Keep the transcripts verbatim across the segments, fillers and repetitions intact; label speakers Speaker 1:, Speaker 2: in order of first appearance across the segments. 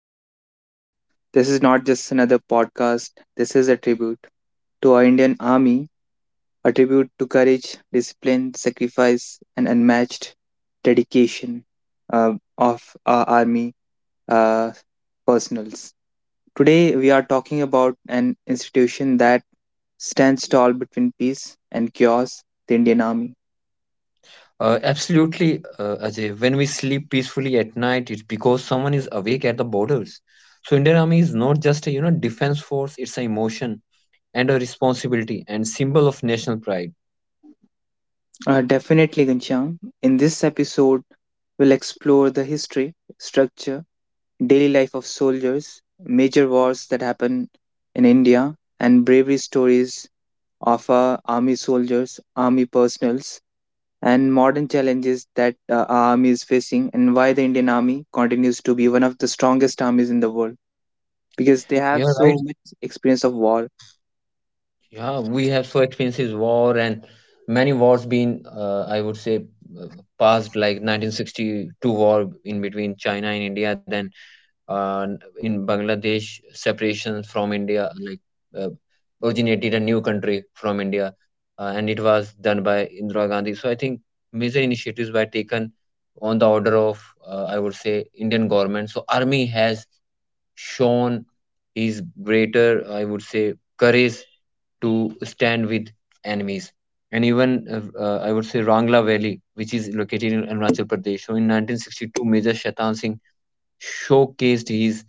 Speaker 1: special episode. This is not just another podcast, this is a tribute to our Indian Army, a tribute to courage, discipline, sacrifice, and unmatched dedication uh, of our Army uh, personals. Today, we are talking about an institution that stands tall between peace and chaos, the Indian Army.
Speaker 2: Uh, absolutely, uh, Ajay. When we sleep peacefully at night, it's because someone is awake at the borders. So Indian Army is not just a you know defense force; it's an emotion and a responsibility and symbol of national pride.
Speaker 1: Uh, definitely, Ghanshyam, in this episode, we'll explore the history, structure, daily life of soldiers, major wars that happen in India, and bravery stories of uh, army soldiers, army personals, and modern challenges that uh, our army is facing, and why the Indian army continues to be one of the strongest armies in the world because they have
Speaker 2: Yeah, right.
Speaker 1: so much experience of war.
Speaker 2: Yeah, we have so experienced war, and many wars been, uh, I would say, uh, passed, like nineteen sixty-two war in between China and India, then uh, in Bangladesh, separation from India, like uh, originated a new country from India, uh, and it was done by Indira Gandhi. So I think major initiatives were taken on the order of, uh, I would say, Indian government. So army has shown his greater, I would say, courage to stand with enemies. And even uh, uh, I would say Rangla Valley, which is located in Arunachal Pradesh. So in nineteen sixty-two, Major Shaitan Singh showcased his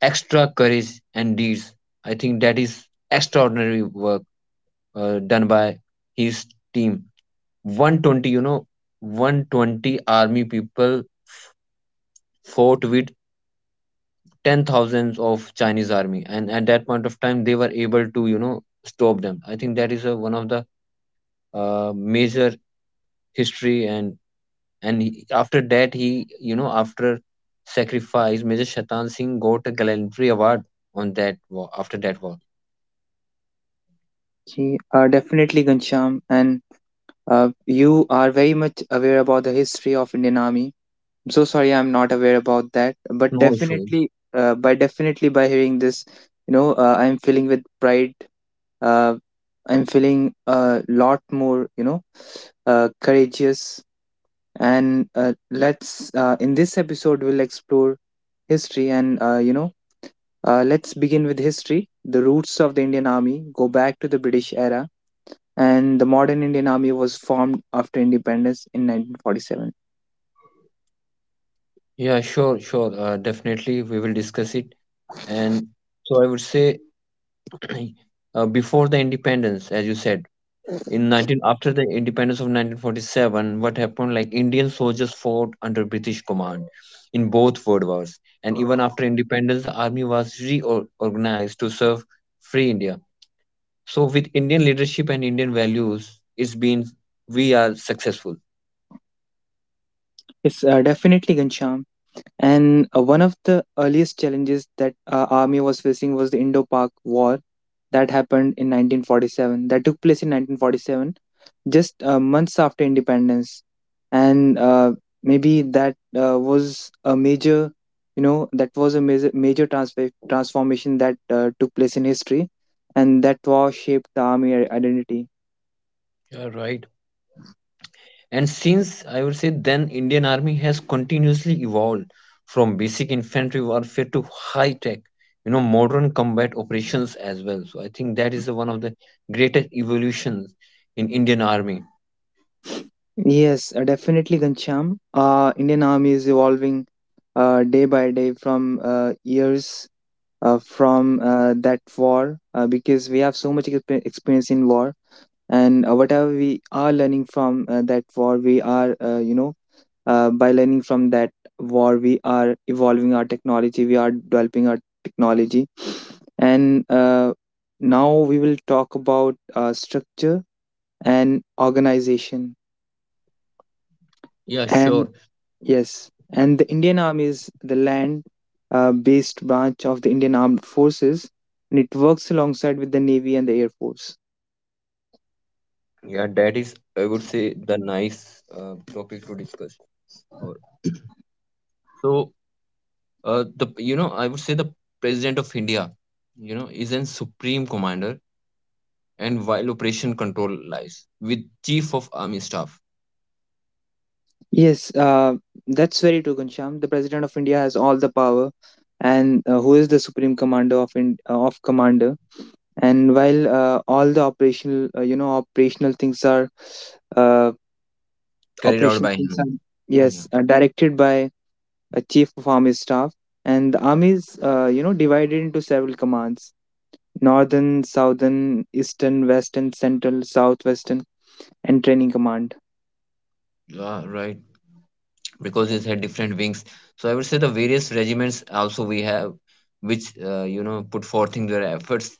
Speaker 2: extra courage and deeds. I think that is extraordinary work uh, done by his team. one twenty, you know, one hundred twenty army people fought with ten thousands of Chinese army, and at that point of time, they were able to, you know, stop them. I think that is a, one of the uh, major history, and and he, after that, he, you know, after sacrifice, Major Shatan Singh got a gallantry award on that war after that war.
Speaker 1: Ye- Uh, definitely, Gansham, and uh, you are very much aware about the history of Indian army. I'm so sorry I'm not aware about that, but
Speaker 2: No issues.
Speaker 1: definitely, uh, by definitely by hearing this, you know, uh, I'm feeling with pride. Uh, I'm feeling a lot more, you know, uh, courageous. And uh, let's uh, in this episode we'll explore history and uh, you know, uh, let's begin with history. The roots of the Indian Army go back to the British era, and the modern Indian Army was formed after independence in nineteen forty-seven.
Speaker 2: Yeah, sure, sure. Uh, definitely, we will discuss it. And so I would say, uh, before the independence, as you said, in nineteen after the independence of nineteen forty-seven, what happened? Like Indian soldiers fought under British command in both world wars, and even after independence, the army was reorganized to serve free India. So with Indian leadership and Indian values, it's been, we are successful.
Speaker 1: It's uh, definitely Gansham. And uh, one of the earliest challenges that uh, army was facing was the Indo-Pak War that happened in nineteen forty-seven. That took place in nineteen forty-seven, just uh, months after independence, and uh, maybe that uh, was a major, you know, that was a major, major transfer transformation that uh, took place in history, and that war shaped the army i- identity.
Speaker 2: Yeah, right. And since I would say then Indian Army has continuously evolved from basic infantry warfare to high tech, you know, modern combat operations as well. So I think that is the one of the greatest evolutions in Indian Army.
Speaker 1: Yes, uh, definitely, Gansham. Uh, Indian army is evolving uh, day by day from uh, years uh, from uh, that war uh, because we have so much expe- experience in war, and uh, whatever we are learning from uh, that war we are uh, you know uh, by learning from that war we are evolving our technology, we are developing our technology. And uh, now we will talk about uh, structure and organization
Speaker 2: Yeah,
Speaker 1: and.
Speaker 2: sure.
Speaker 1: Yes, and the Indian Army is the land uh, based branch of the Indian Armed Forces, and it works alongside with the Navy and the Air Force.
Speaker 2: Yeah, that is, I would say, the nice uh, topic to discuss. Or- So uh, the you know I would say the president of India, you know, is an supreme commander, and while operation control lies with chief of army staff
Speaker 1: Yes, uh, that's very true, Ghanshyam. The President of India has all the power, and uh, who is the Supreme Commander of, in, uh, of Commander. And while uh, all the operational, uh, you know, operational things are, uh,
Speaker 2: carried out
Speaker 1: operational
Speaker 2: by
Speaker 1: things
Speaker 2: him.
Speaker 1: are,
Speaker 2: Yeah,
Speaker 1: yes, uh, directed by a Chief of Army Staff, and the army is, uh, you know, divided into several commands: Northern, Southern, Eastern, Western, Central, Southwestern, and Training Command.
Speaker 2: you are right. Because it had different wings. So I would say the various regiments also we have, which uh, you know put forth in their efforts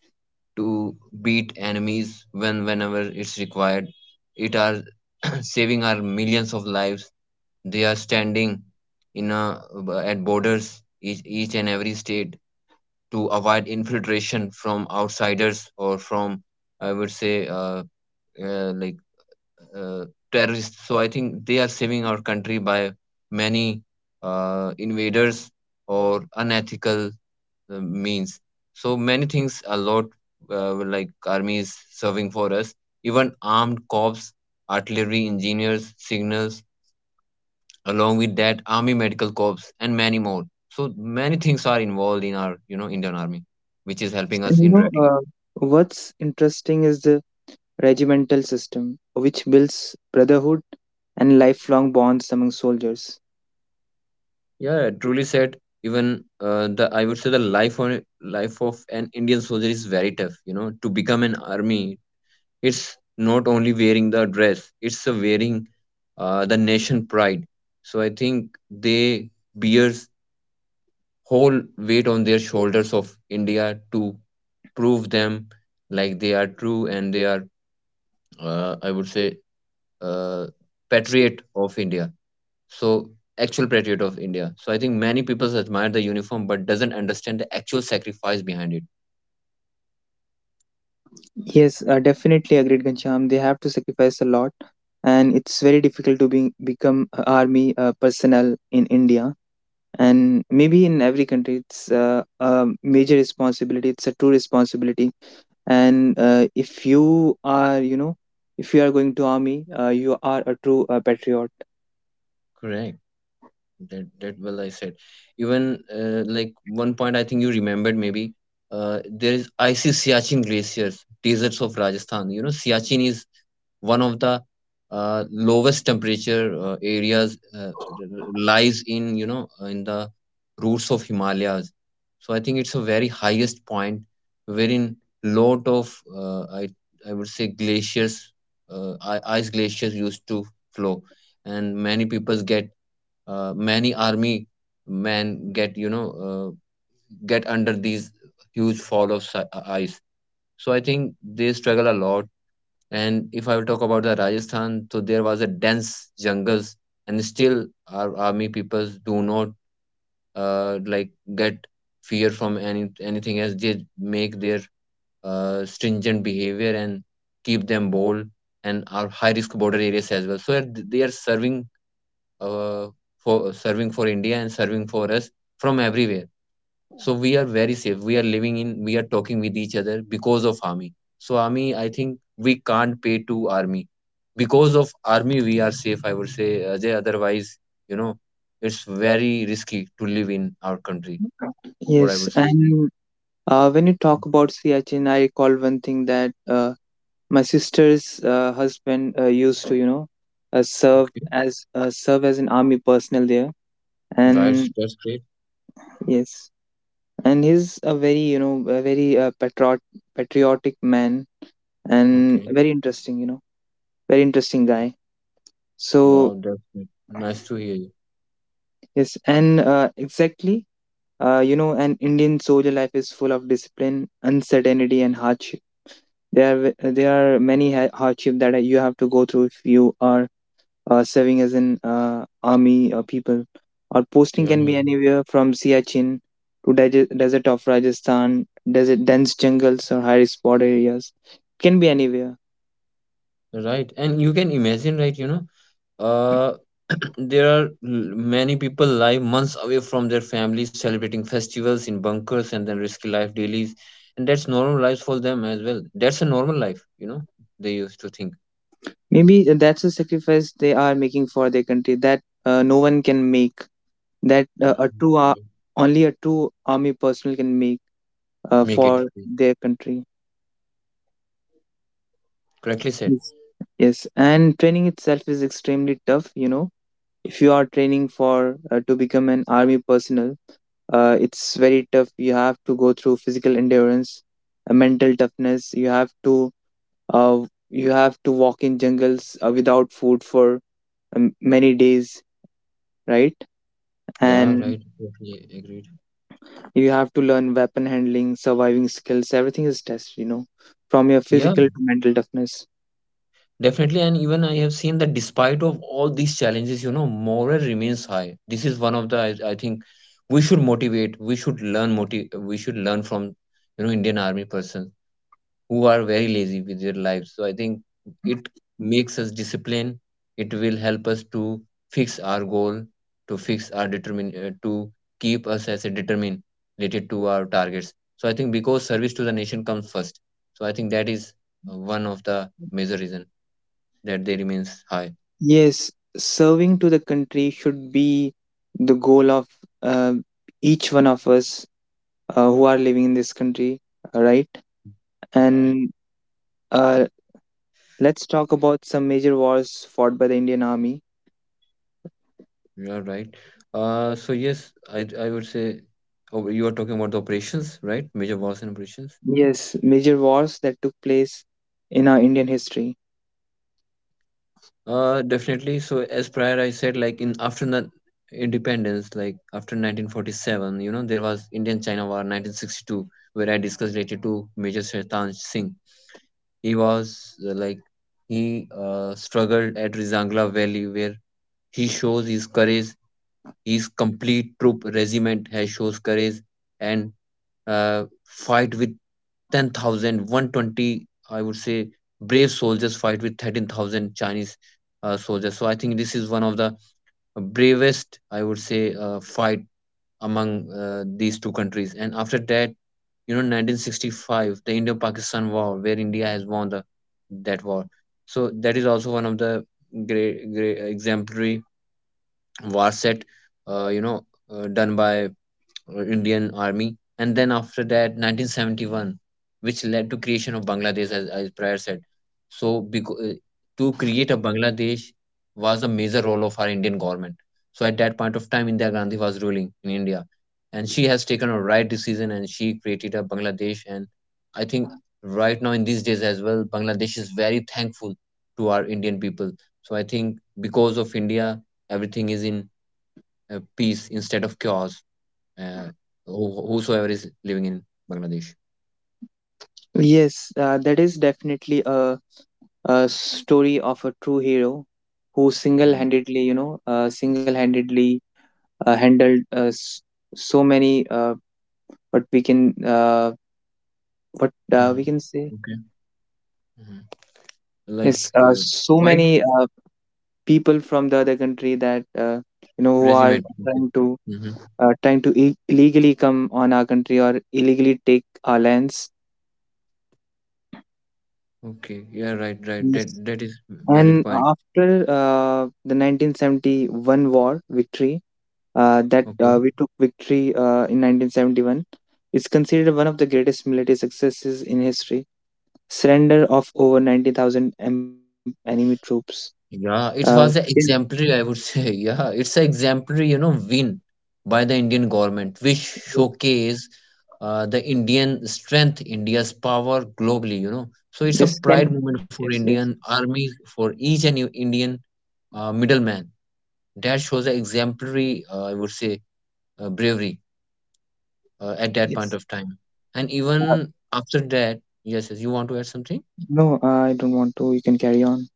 Speaker 2: to beat enemies when whenever it's required. It are saving our millions of lives. They are standing in a, at borders each, each and every state to avoid infiltration from outsiders or from I would say uh, uh, like uh, terrorists. So I think they are saving our country by many uh, invaders or unethical uh, means. So many things, a lot uh, like armies serving for us, even armed corps, artillery engineers, signals, along with that army medical corps and many more. So many things are involved in our you know Indian army, which is helping
Speaker 1: And you
Speaker 2: us
Speaker 1: know,
Speaker 2: indirectly.
Speaker 1: uh, what's interesting is the regimental system, which builds brotherhood and lifelong bonds among soldiers.
Speaker 2: Yeah, truly said. Even uh, the, I would say, the life on life of an Indian soldier is very tough. You know, to become an army, it's not only wearing the dress; it's a wearing uh, the nation pride. So I think they bears whole weight on their shoulders of India to prove them like they are true and they are uh, I would say uh, patriot of India, so actual patriot of India. So I think many people admire the uniform but doesn't understand the actual sacrifice behind it.
Speaker 1: Yes, uh, definitely agreed, Gansham. They have to sacrifice a lot, and it's very difficult to be, become a army uh, personnel in India. And maybe in every country, it's uh, a major responsibility. It's a true responsibility, and uh, if you are you know if you are going to army uh, you are a true uh, patriot.
Speaker 2: Correct. That that, well, I said, even uh, like, one point I think you remembered, maybe uh, there is icy Siachen glaciers, deserts of Rajasthan. You know, Siachen is one of the uh, lowest temperature uh, areas, uh, lies in you know uh, in the roots of Himalayas. So I think it's a very highest point wherein lot of uh, I I would say glaciers, uh, i- ice glaciers used to flow, and many peoples get uh, many army men get you know uh, get under these huge fall of si- uh, ice. So I think they struggle a lot, and if I will talk about the Rajasthan, so there was a dense jungles, and still our army peoples do not uh, like get fear from any anything else. They make their uh, stringent behavior and keep them bold and our high risk border areas as well. So they are serving uh, for serving for India and serving for us from everywhere. So we are very safe, we are living in, we are talking with each other because of army. So army, I think we can't pay to army. Because of army, we are safe, I would say, Ajay. Otherwise, you know, it's very risky to live in our country, or I
Speaker 1: Yes,
Speaker 2: would say.
Speaker 1: and uh, when you talk about Siachen I recall one thing that uh, my sister's uh, husband uh, used to you know uh, serve
Speaker 2: Okay,
Speaker 1: as uh, serve as an army personnel there.
Speaker 2: that's
Speaker 1: And
Speaker 2: that's great.
Speaker 1: yes, and he's a very you know a very uh, patriot patriotic man, and
Speaker 2: Okay.
Speaker 1: very interesting you know, very interesting guy. So
Speaker 2: Wow, that's great. Nice to hear you.
Speaker 1: yes, and uh, exactly. Uh, you know, an Indian soldier life is full of discipline, uncertainty, and hardship. There are uh, there are many ha- hardship that you have to go through if you are uh, serving as an uh, army or people. Our
Speaker 2: Yeah,
Speaker 1: posting can
Speaker 2: yeah.
Speaker 1: be anywhere from Siachen to de- desert of Rajasthan, desert dense jungles or high spot areas. It can be anywhere.
Speaker 2: Right, and you can imagine, right? You know, uh there are l- many people live months away from their families, celebrating festivals in bunkers, and then risky life dailies. And that's normal life for them as well. That's a normal life you know They used to think.
Speaker 1: Maybe that's a sacrifice they are making for their country that uh, no one can make. That uh,
Speaker 2: Yeah,
Speaker 1: a true
Speaker 2: yeah, yeah.
Speaker 1: ar- Only a true army personnel can make uh,
Speaker 2: Make it.
Speaker 1: for their country.
Speaker 2: Correctly said.
Speaker 1: Yes. Yes, and training itself is extremely tough. You know, if you are training for uh, to become an army personnel, uh, it's very tough. You have to go through physical endurance, uh, mental toughness. You have to uh, you have to walk in jungles uh, without food for um, many days, right?
Speaker 2: Yeah,
Speaker 1: And
Speaker 2: right, totally agreed.
Speaker 1: you have to learn weapon handling, surviving skills. Everything is tested. You know, from your
Speaker 2: Yeah.
Speaker 1: physical to mental toughness.
Speaker 2: Definitely, and even I have seen that despite of all these challenges, you know, morale remains high. This is one of the. I, I think we should motivate. We should learn motive. We should learn from you know Indian Army persons who are very lazy with their lives. So I think it makes us disciplined. It will help us to fix our goal, to fix our determine, uh, to keep us as a determined related to our targets. So I think because service to the nation comes first. So I think that is uh, one of the major reason that they remains high.
Speaker 1: Yes, serving to the country should be the goal of uh, each one of us uh, who are living in this country, uh, right?
Speaker 2: Right,
Speaker 1: And uh, let's talk about some major wars fought by the Indian Army.
Speaker 2: you are right. Uh, so yes, I I would say, oh, you are talking about the operations, right? Major wars and operations.
Speaker 1: Yes, major wars that took place in our Indian history.
Speaker 2: Uh, definitely. So as prior I said, like in after the independence, like after nineteen forty-seven, you know, there was Indian-China War nineteen sixty-two, where I discussed related to Major Shaitan Singh. He was, uh, like, he uh, struggled at Rizangla Valley, where he shows his courage. His complete troop regiment has shows courage and uh, fight with ten thousand one twenty, I would say, brave soldiers fight with thirteen thousand Chinese uh, soldiers. So I think this is one of the bravest, I would say, uh, fight among uh, these two countries. And after that, you know, nineteen sixty-five, the Indo-Pakistan War, where India has won the that war. So that is also one of the great, great exemplary war set, uh, you know, uh, done by uh, Indian Army, and then after that nineteen seventy-one, which led to creation of Bangladesh, as I prior said. So because, to create a Bangladesh was a major role of our Indian government. So at that point of time, Indira Gandhi was ruling in India, and she has taken a right decision and she created a Bangladesh. And I think right now in these days as well, Bangladesh is very thankful to our Indian people. So I think because of India, everything is in uh, peace instead of chaos, uh, who, whosoever is living in Bangladesh.
Speaker 1: Yes, uh, that is definitely a, a story of a true hero who
Speaker 2: Mhm.
Speaker 1: single-handedly, you know, uh, single-handedly uh, handled uh, s- so many uh, what we can uh, what uh, we
Speaker 2: Mhm.
Speaker 1: can say
Speaker 2: Okay. Mhm. Like,
Speaker 1: is uh,
Speaker 2: uh,
Speaker 1: so
Speaker 2: fight
Speaker 1: many uh, people from the other country that uh, you know who are
Speaker 2: regiment. Okay.
Speaker 1: trying to
Speaker 2: Mhm.
Speaker 1: uh, trying to i- illegally come on our country or illegally take our lands.
Speaker 2: Okay. Yeah. Right. Right.
Speaker 1: Yes.
Speaker 2: That that is valid
Speaker 1: And
Speaker 2: point.
Speaker 1: after uh, the nineteen seventy-one war victory, uh, that
Speaker 2: Okay.
Speaker 1: uh, we took victory uh, in nineteen seventy-one, is considered one of the greatest military successes in history. Surrender of over ninety thousand em- enemy troops. Uh,
Speaker 2: Yeah, it was a
Speaker 1: then
Speaker 2: exemplary, I would say. Yeah, it's an exemplary, you know, win by the Indian government, which showcase uh, the Indian strength, India's power globally, you know. So it's a
Speaker 1: yes, can.
Speaker 2: pride moment for
Speaker 1: Yes,
Speaker 2: Indian
Speaker 1: yes, yes.
Speaker 2: army, for each and e- Indian uh, middleman. That shows an exemplary, uh, I would say, uh, bravery uh, at that
Speaker 1: Yes.
Speaker 2: point of time. And
Speaker 1: Uh,
Speaker 2: even after that, yes, yes, you want to add something?
Speaker 1: no, uh, I don't want to. You can carry on.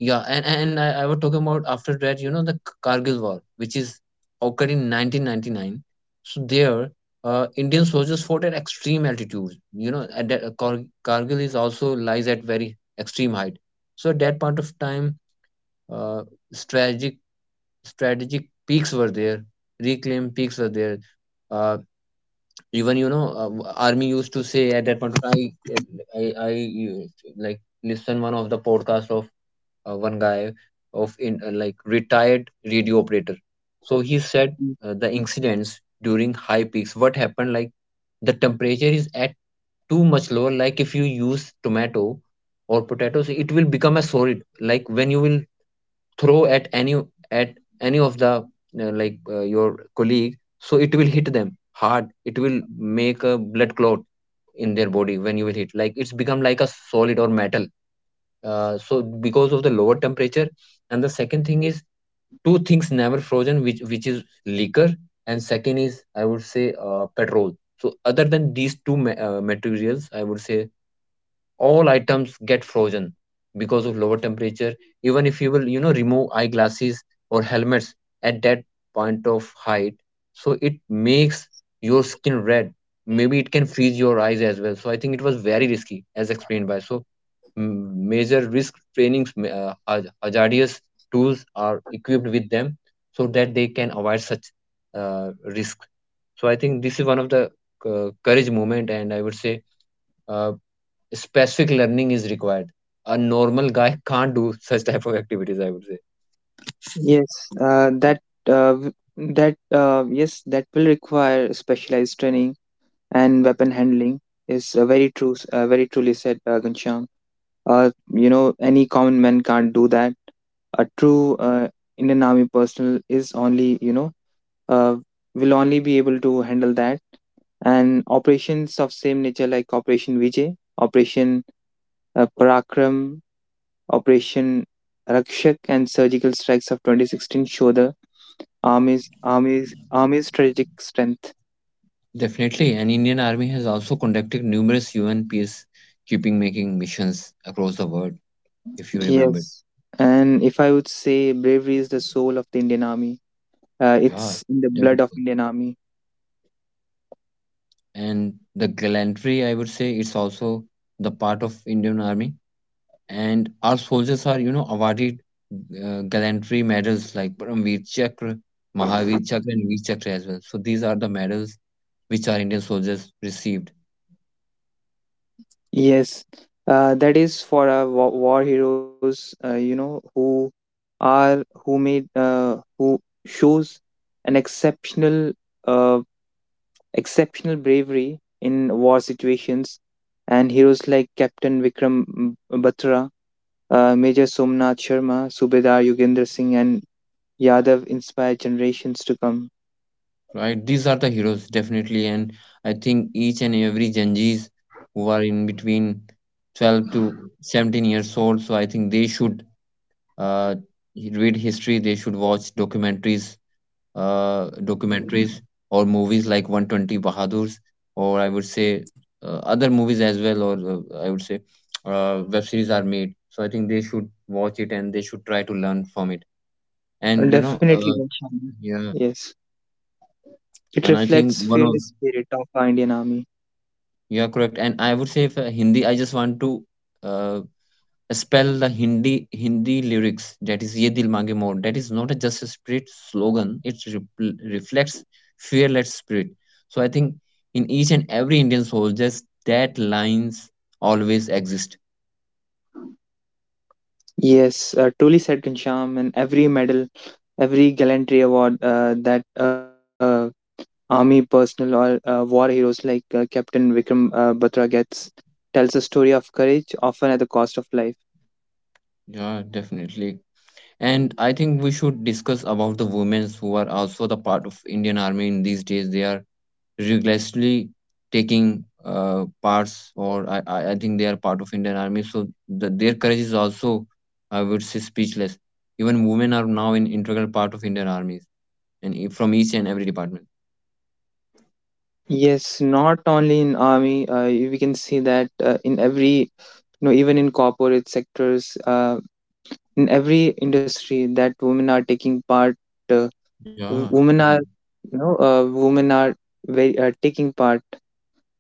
Speaker 2: Yeah, and, and I, I was talking about after that, you know, the Kargil War, which is occurred in nineteen ninety-nine. So there, uh, Indian soldiers fought at extreme altitudes. You know, at that, uh, Kar- Kargil is also lies at very extreme height. So at that point of time, uh, strategic strategic peaks were there, reclaimed peaks were there. Uh, Even you know uh, army used to say at that point of time, i i, I you- like, listen, one of the podcast of uh, one guy of in uh, like retired radio operator, so he said
Speaker 1: Mm.
Speaker 2: uh, the incidents during high peaks, what happened, like the temperature is at too much lower. Like if you use tomato or potatoes, it will become a solid. Like when you will throw at any at any of the uh, like uh, your colleague, so it will hit them hard. It will make a blood clot in their body. When you will hit, like, it's become like a solid or metal. Uh, so because of the lower temperature. And the second thing is, two things never frozen, which which is liquor, and second is, I would say, uh, petrol. So other than these two ma- uh, materials, I would say all items get frozen because of lower temperature. Even if you will, you know, remove eyeglasses or helmets at that point of height, so it makes your skin red. Maybe it can freeze your eyes as well. So I think it was very risky. As explained by so m- major risk trainings, ma- uh, haz- hazardous tools are equipped with them so that they can avoid such uh, risk. So I think this is one of the uh, courage moment, and I would say uh, specific learning is required. A normal guy can't do such type of activities, I would say.
Speaker 1: Yes, uh, that uh, w- that uh, yes, that will require specialized training and weapon handling is uh, very true. S- Uh, very truly said, uh, Ghanshyam. Uh, you know, any common man can't do that. A true uh, Indian Army personnel is only you know uh, will only be able to handle that. And operations of same nature like Operation Vijay, Operation uh, Parakram, Operation Rakshak, and surgical strikes of twenty sixteen show the army's army's army's strategic strength.
Speaker 2: Definitely, and Indian Army has also conducted numerous U N peacekeeping making missions across the world, if you remember.
Speaker 1: Yes, and if I would say bravery is the soul of the Indian Army, uh,
Speaker 2: Yeah,
Speaker 1: it's in the
Speaker 2: that is
Speaker 1: blood of
Speaker 2: good.
Speaker 1: Indian Army.
Speaker 2: And the gallantry, I would say, it's also the part of Indian Army. And our soldiers are, you know, awarded uh, gallantry medals like Paramveer Chakra, Mahavir Chakra, and Veer Chakra as well. So these are the medals which our Indian soldiers receive,
Speaker 1: Yes, uh, that is for our war, war heroes, uh, you know, who are who made uh, who shows an exceptional uh, exceptional bravery in war situations, and heroes like Captain Vikram Batra, uh, Major Somnath Sharma, Subedar Yogendra Singh, and Yadav inspire generations to come.
Speaker 2: right? These are the heroes, definitely. And I think each and every Gen Zs who are in between twelve to seventeen years old, so I think they should uh, read history, they should watch documentaries, uh, documentaries or movies like one hundred twenty Bahadurs, or I would say uh, other movies as well, or uh, I would say uh, web series are made. So I think they should watch it and they should try to learn from it.
Speaker 1: And
Speaker 2: And, you know,
Speaker 1: definitely,
Speaker 2: uh,
Speaker 1: Ghanshyam.
Speaker 2: yeah,
Speaker 1: Yes. It
Speaker 2: and I
Speaker 1: reflects
Speaker 2: think one
Speaker 1: fearless
Speaker 2: of—
Speaker 1: spirit of our Indian Army.
Speaker 2: You are correct. And I would say for Hindi, I just want to uh, spell the Hindi Hindi lyrics. That is "Ye Dil Mange More." That is not a just a spirit slogan. It repl reflects fearless spirit. So I think in each and every Indian soul, just that lines always exist.
Speaker 1: Yes, uh, truly said Ghanshyam, and every medal, every gallantry award uh, that uh, army personnel or uh, war heroes like uh, Captain Vikram uh, Batra gets tells a story of courage, often at the cost of life.
Speaker 2: Yeah, definitely. And I think we should discuss about the women who are also the part of Indian Army in these days. They are rigorously taking uh, parts, or I, I I think they are part of Indian Army. So the, their courage is also, I would say, speechless. Even women are now in integral part of Indian armies, and e- from each and every department.
Speaker 1: Yes, not only in army, uh, we can see that uh, in every, you know, even in corporate sectors, uh, in every industry that women are taking part. Uh, w-
Speaker 2: Yeah,
Speaker 1: Women
Speaker 2: taking.
Speaker 1: are, you know, uh, women are very uh, taking part,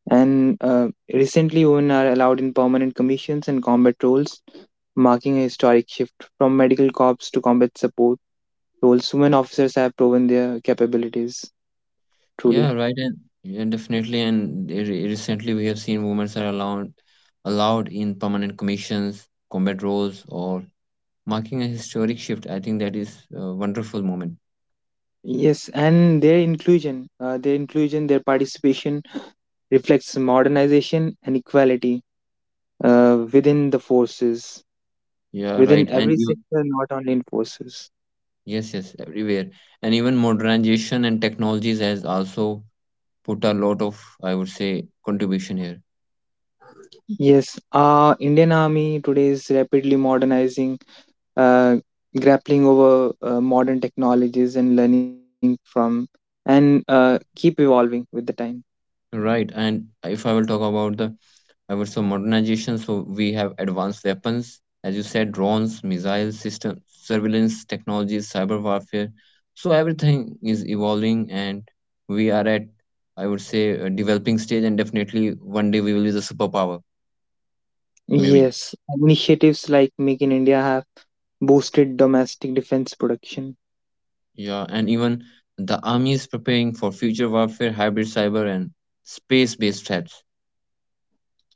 Speaker 1: and uh, recently women are allowed in permanent commissions and combat roles, marking a historic shift from medical corps to combat support roles. Women officers have proven their capabilities
Speaker 2: Yeah,
Speaker 1: truly.
Speaker 2: right, and yeah, definitely. And re- re- recently, we have seen women are allowed allowed in permanent commissions, combat roles, or marking a historic shift. I think that is a wonderful moment.
Speaker 1: Yes, and their inclusion, uh, their inclusion, their participation reflects modernization and equality uh, within the forces,
Speaker 2: Yeah, right.
Speaker 1: within
Speaker 2: And
Speaker 1: every
Speaker 2: you,
Speaker 1: sector, not only in forces.
Speaker 2: yes, yes, everywhere. And even modernization and technologies has also put a lot of, I would say, contribution here.
Speaker 1: Yes, uh, Indian Army today is rapidly modernizing, uh, grappling over uh, modern technologies and learning from, and uh, keep evolving with the time.
Speaker 2: Right. And if I will talk about the, I would say, modernization, so we have advanced weapons, as you said, drones, missile system, surveillance technologies, cyber warfare. So everything is evolving and we are at, I would say, a developing stage, and definitely one day we will be the superpower. Maybe.
Speaker 1: Yes, initiatives like Make in India have boosted domestic defense production.
Speaker 2: Yeah, and even the army is preparing for future warfare, hybrid cyber, and space based threats.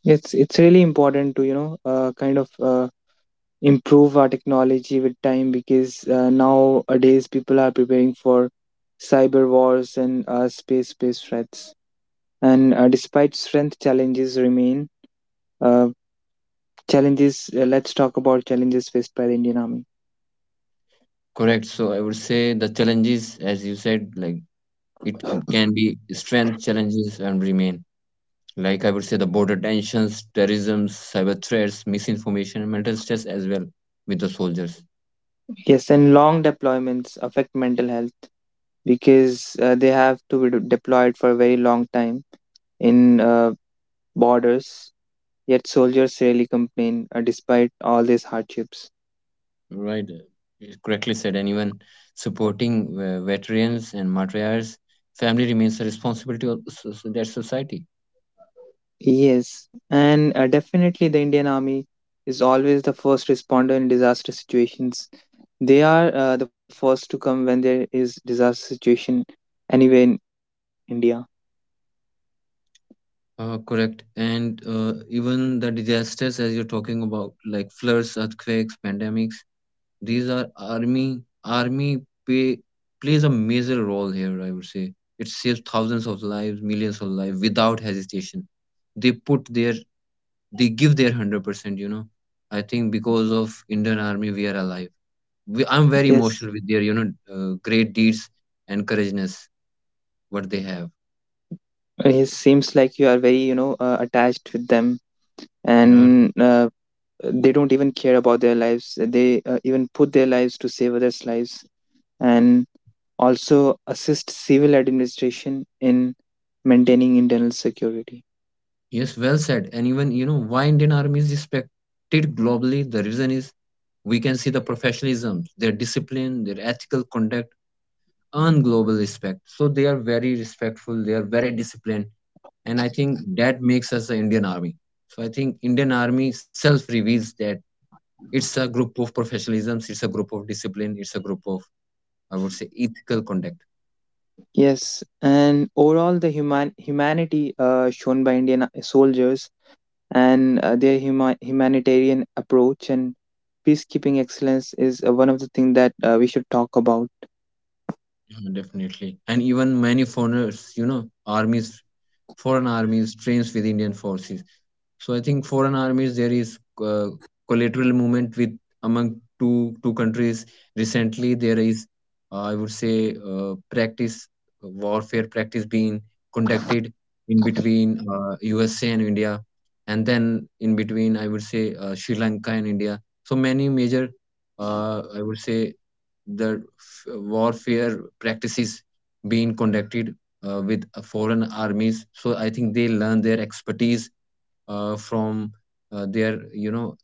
Speaker 1: It's it's really important to you know uh, kind of uh, improve our technology with time because uh, nowadays people are preparing for cyber wars and uh, space based threats. And uh, despite strength, challenges remain. Uh, challenges. Uh, let's talk about challenges faced by the Indian Army.
Speaker 2: Correct. So I would say the challenges, as you said, like it can be strength challenges and remain. Like I would say the border tensions, terrorism, cyber threats, misinformation, and mental stress as well with the soldiers.
Speaker 1: Yes, and long deployments affect mental health because uh, they have to be de- deployed for a very long time in uh, borders. Yet soldiers rarely complain uh, despite all these hardships.
Speaker 2: Right. Uh, you correctly said. And even supporting uh, veterans and martyrs, family remains a responsibility of so- so- that society.
Speaker 1: Yes, and uh, definitely the Indian Army is always the first responder in disaster situations. They are uh, the first to come when there is disaster situation anywhere in India.
Speaker 2: Uh, correct. And uh, even the disasters, as you're talking about, like floods, earthquakes, pandemics, these are army. Army pay, plays a major role here, I would say. It saves thousands of lives, millions of lives without hesitation. They put their, they give their one hundred percent, you know. I think because of Indian army, we are alive. We, I'm very emotional with
Speaker 1: Yes,
Speaker 2: their, you know, uh, great deeds and courageousness, what they have.
Speaker 1: it seems like you are very, you know, uh, attached with them,
Speaker 2: Yeah.
Speaker 1: and uh, they don't even care about their lives. They uh, even put their lives to save others' lives, and also assist civil administration in maintaining internal security.
Speaker 2: Yes, well said. And even, you know, why Indian Army is respected globally, the reason is we can see the professionalism, their discipline, their ethical conduct earn global respect. So they are very respectful, they are very disciplined. And I think that makes us the Indian Army. So I think Indian Army self reveals that it's a group of professionalisms, it's a group of discipline, it's a group of, I would say, ethical conduct.
Speaker 1: Yes, and overall, the human humanity uh, shown by Indian uh, soldiers and uh, their huma- humanitarian approach and peacekeeping excellence is uh, one of the things that uh, we should talk about.
Speaker 2: Yeah, definitely. And even many foreigners, you know, armies foreign armies trains with Indian forces. So I think foreign armies, there is uh, collateral movement with among two two countries. Recently, there is uh, I would say uh, practice warfare practice being conducted in between uh, U S A and India, and then in between, I would say, uh, Sri Lanka and India. So many major uh, I would say the f- warfare practices being conducted uh, with uh, foreign armies. So I think they learn their expertise uh, from uh, their, you know,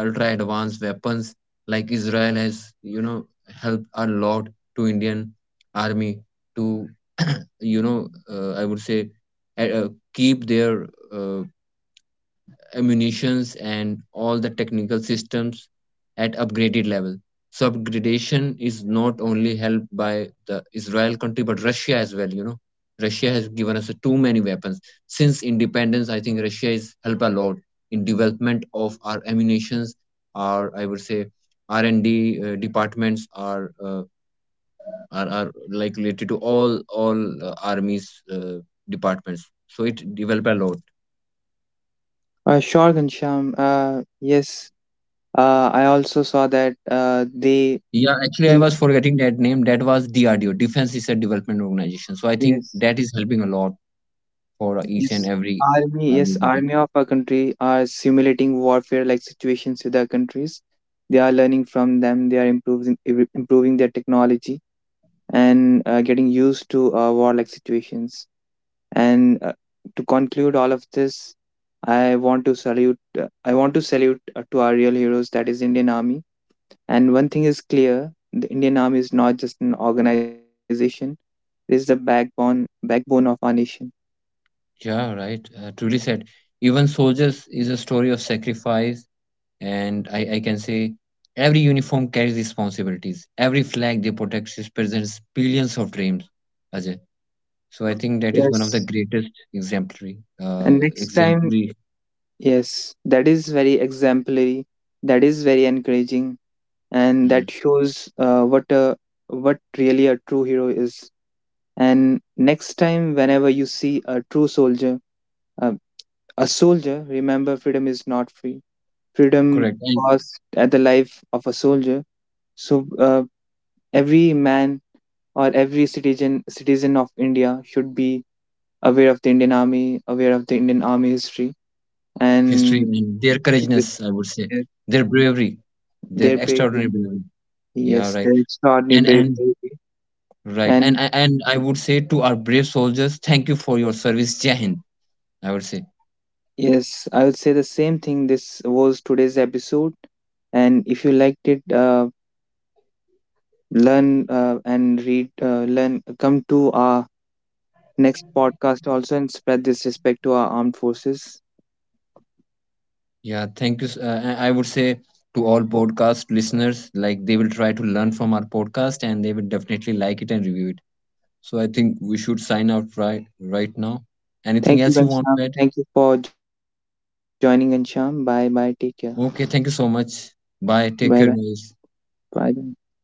Speaker 2: ultra advanced weapons like Israel has, you know, helped a lot to Indian army to you know uh, I would say uh, uh, keep their uh, ammunitions and all the technical systems at upgraded level. So upgradation is not only helped by the Israel country but Russia as well. You know, Russia has given us too many weapons since independence. I think Russia is helped a lot in development of our ammunitions, our, I would say, R and D uh, departments are, uh, are are like related to all all uh, armies uh, departments. So it developed a lot.
Speaker 1: Uh, sure, Ghanshyam. Uh, yes, uh, I also saw that uh, they.
Speaker 2: Yeah, actually, I was forgetting that name. That was D R D O, Defense Research Development Organization. So I think
Speaker 1: Yes.
Speaker 2: that is helping a lot for each and
Speaker 1: Yes,
Speaker 2: every
Speaker 1: army,
Speaker 2: army.
Speaker 1: yes, army of a country are simulating warfare like situations with other countries. They are learning from them. They are improving im- improving their technology and uh, getting used to uh, warlike situations. And uh, to conclude all of this, I want to salute. Uh, I want to salute uh, to our real heroes, that is Indian Army. And one thing is clear: the Indian Army is not just an organization; it is the backbone backbone of our nation.
Speaker 2: Yeah, right. Uh, truly said. Even soldiers is a story of sacrifice, and I, I can say every uniform carries responsibilities. Every flag they protect represents billions of dreams, Ajay. So I think that is one of the
Speaker 1: Yes.
Speaker 2: greatest exemplary, uh,
Speaker 1: And next time
Speaker 2: exemplary.
Speaker 1: yes, that is very exemplary. That is very encouraging, and
Speaker 2: Mm,
Speaker 1: that shows uh, what a what really a true hero is. And next time, whenever you see a true soldier, uh, a soldier, remember freedom is not free. Freedom
Speaker 2: correct.
Speaker 1: costs at the life of a soldier. So uh, every man or every citizen citizen of India should be aware of the Indian Army, aware of the Indian Army history,
Speaker 2: History
Speaker 1: and
Speaker 2: and their
Speaker 1: should respect
Speaker 2: courageousness, I would say, their bravery, their
Speaker 1: their bravery.
Speaker 2: extraordinary bravery. Yeah,
Speaker 1: Yes,
Speaker 2: right.
Speaker 1: they're extraordinary
Speaker 2: And
Speaker 1: brave
Speaker 2: and
Speaker 1: baby.
Speaker 2: right. And
Speaker 1: And
Speaker 2: I and I would say to our brave soldiers, thank you for your service. Jai Hind. I would say,
Speaker 1: yes, I would say the same thing. This was today's episode. And if you liked it, uh, learn uh, and read, uh, learn, come to our next podcast also and spread this respect to our armed forces.
Speaker 2: yeah, thank you. S- Uh, and I would say to all podcast listeners, like they will try to learn from our podcast and they will definitely like it and review it. So I think we should sign out right right now. Anything
Speaker 1: Thank you,
Speaker 2: else you want
Speaker 1: Ghanshyam.
Speaker 2: to add?
Speaker 1: Thank you for joining, Ghanshyam. Bye bye. Take care.
Speaker 2: Okay, thank you so much. Bye. Take
Speaker 1: Bye
Speaker 2: care,
Speaker 1: bye.
Speaker 2: guys.
Speaker 1: Bye bye.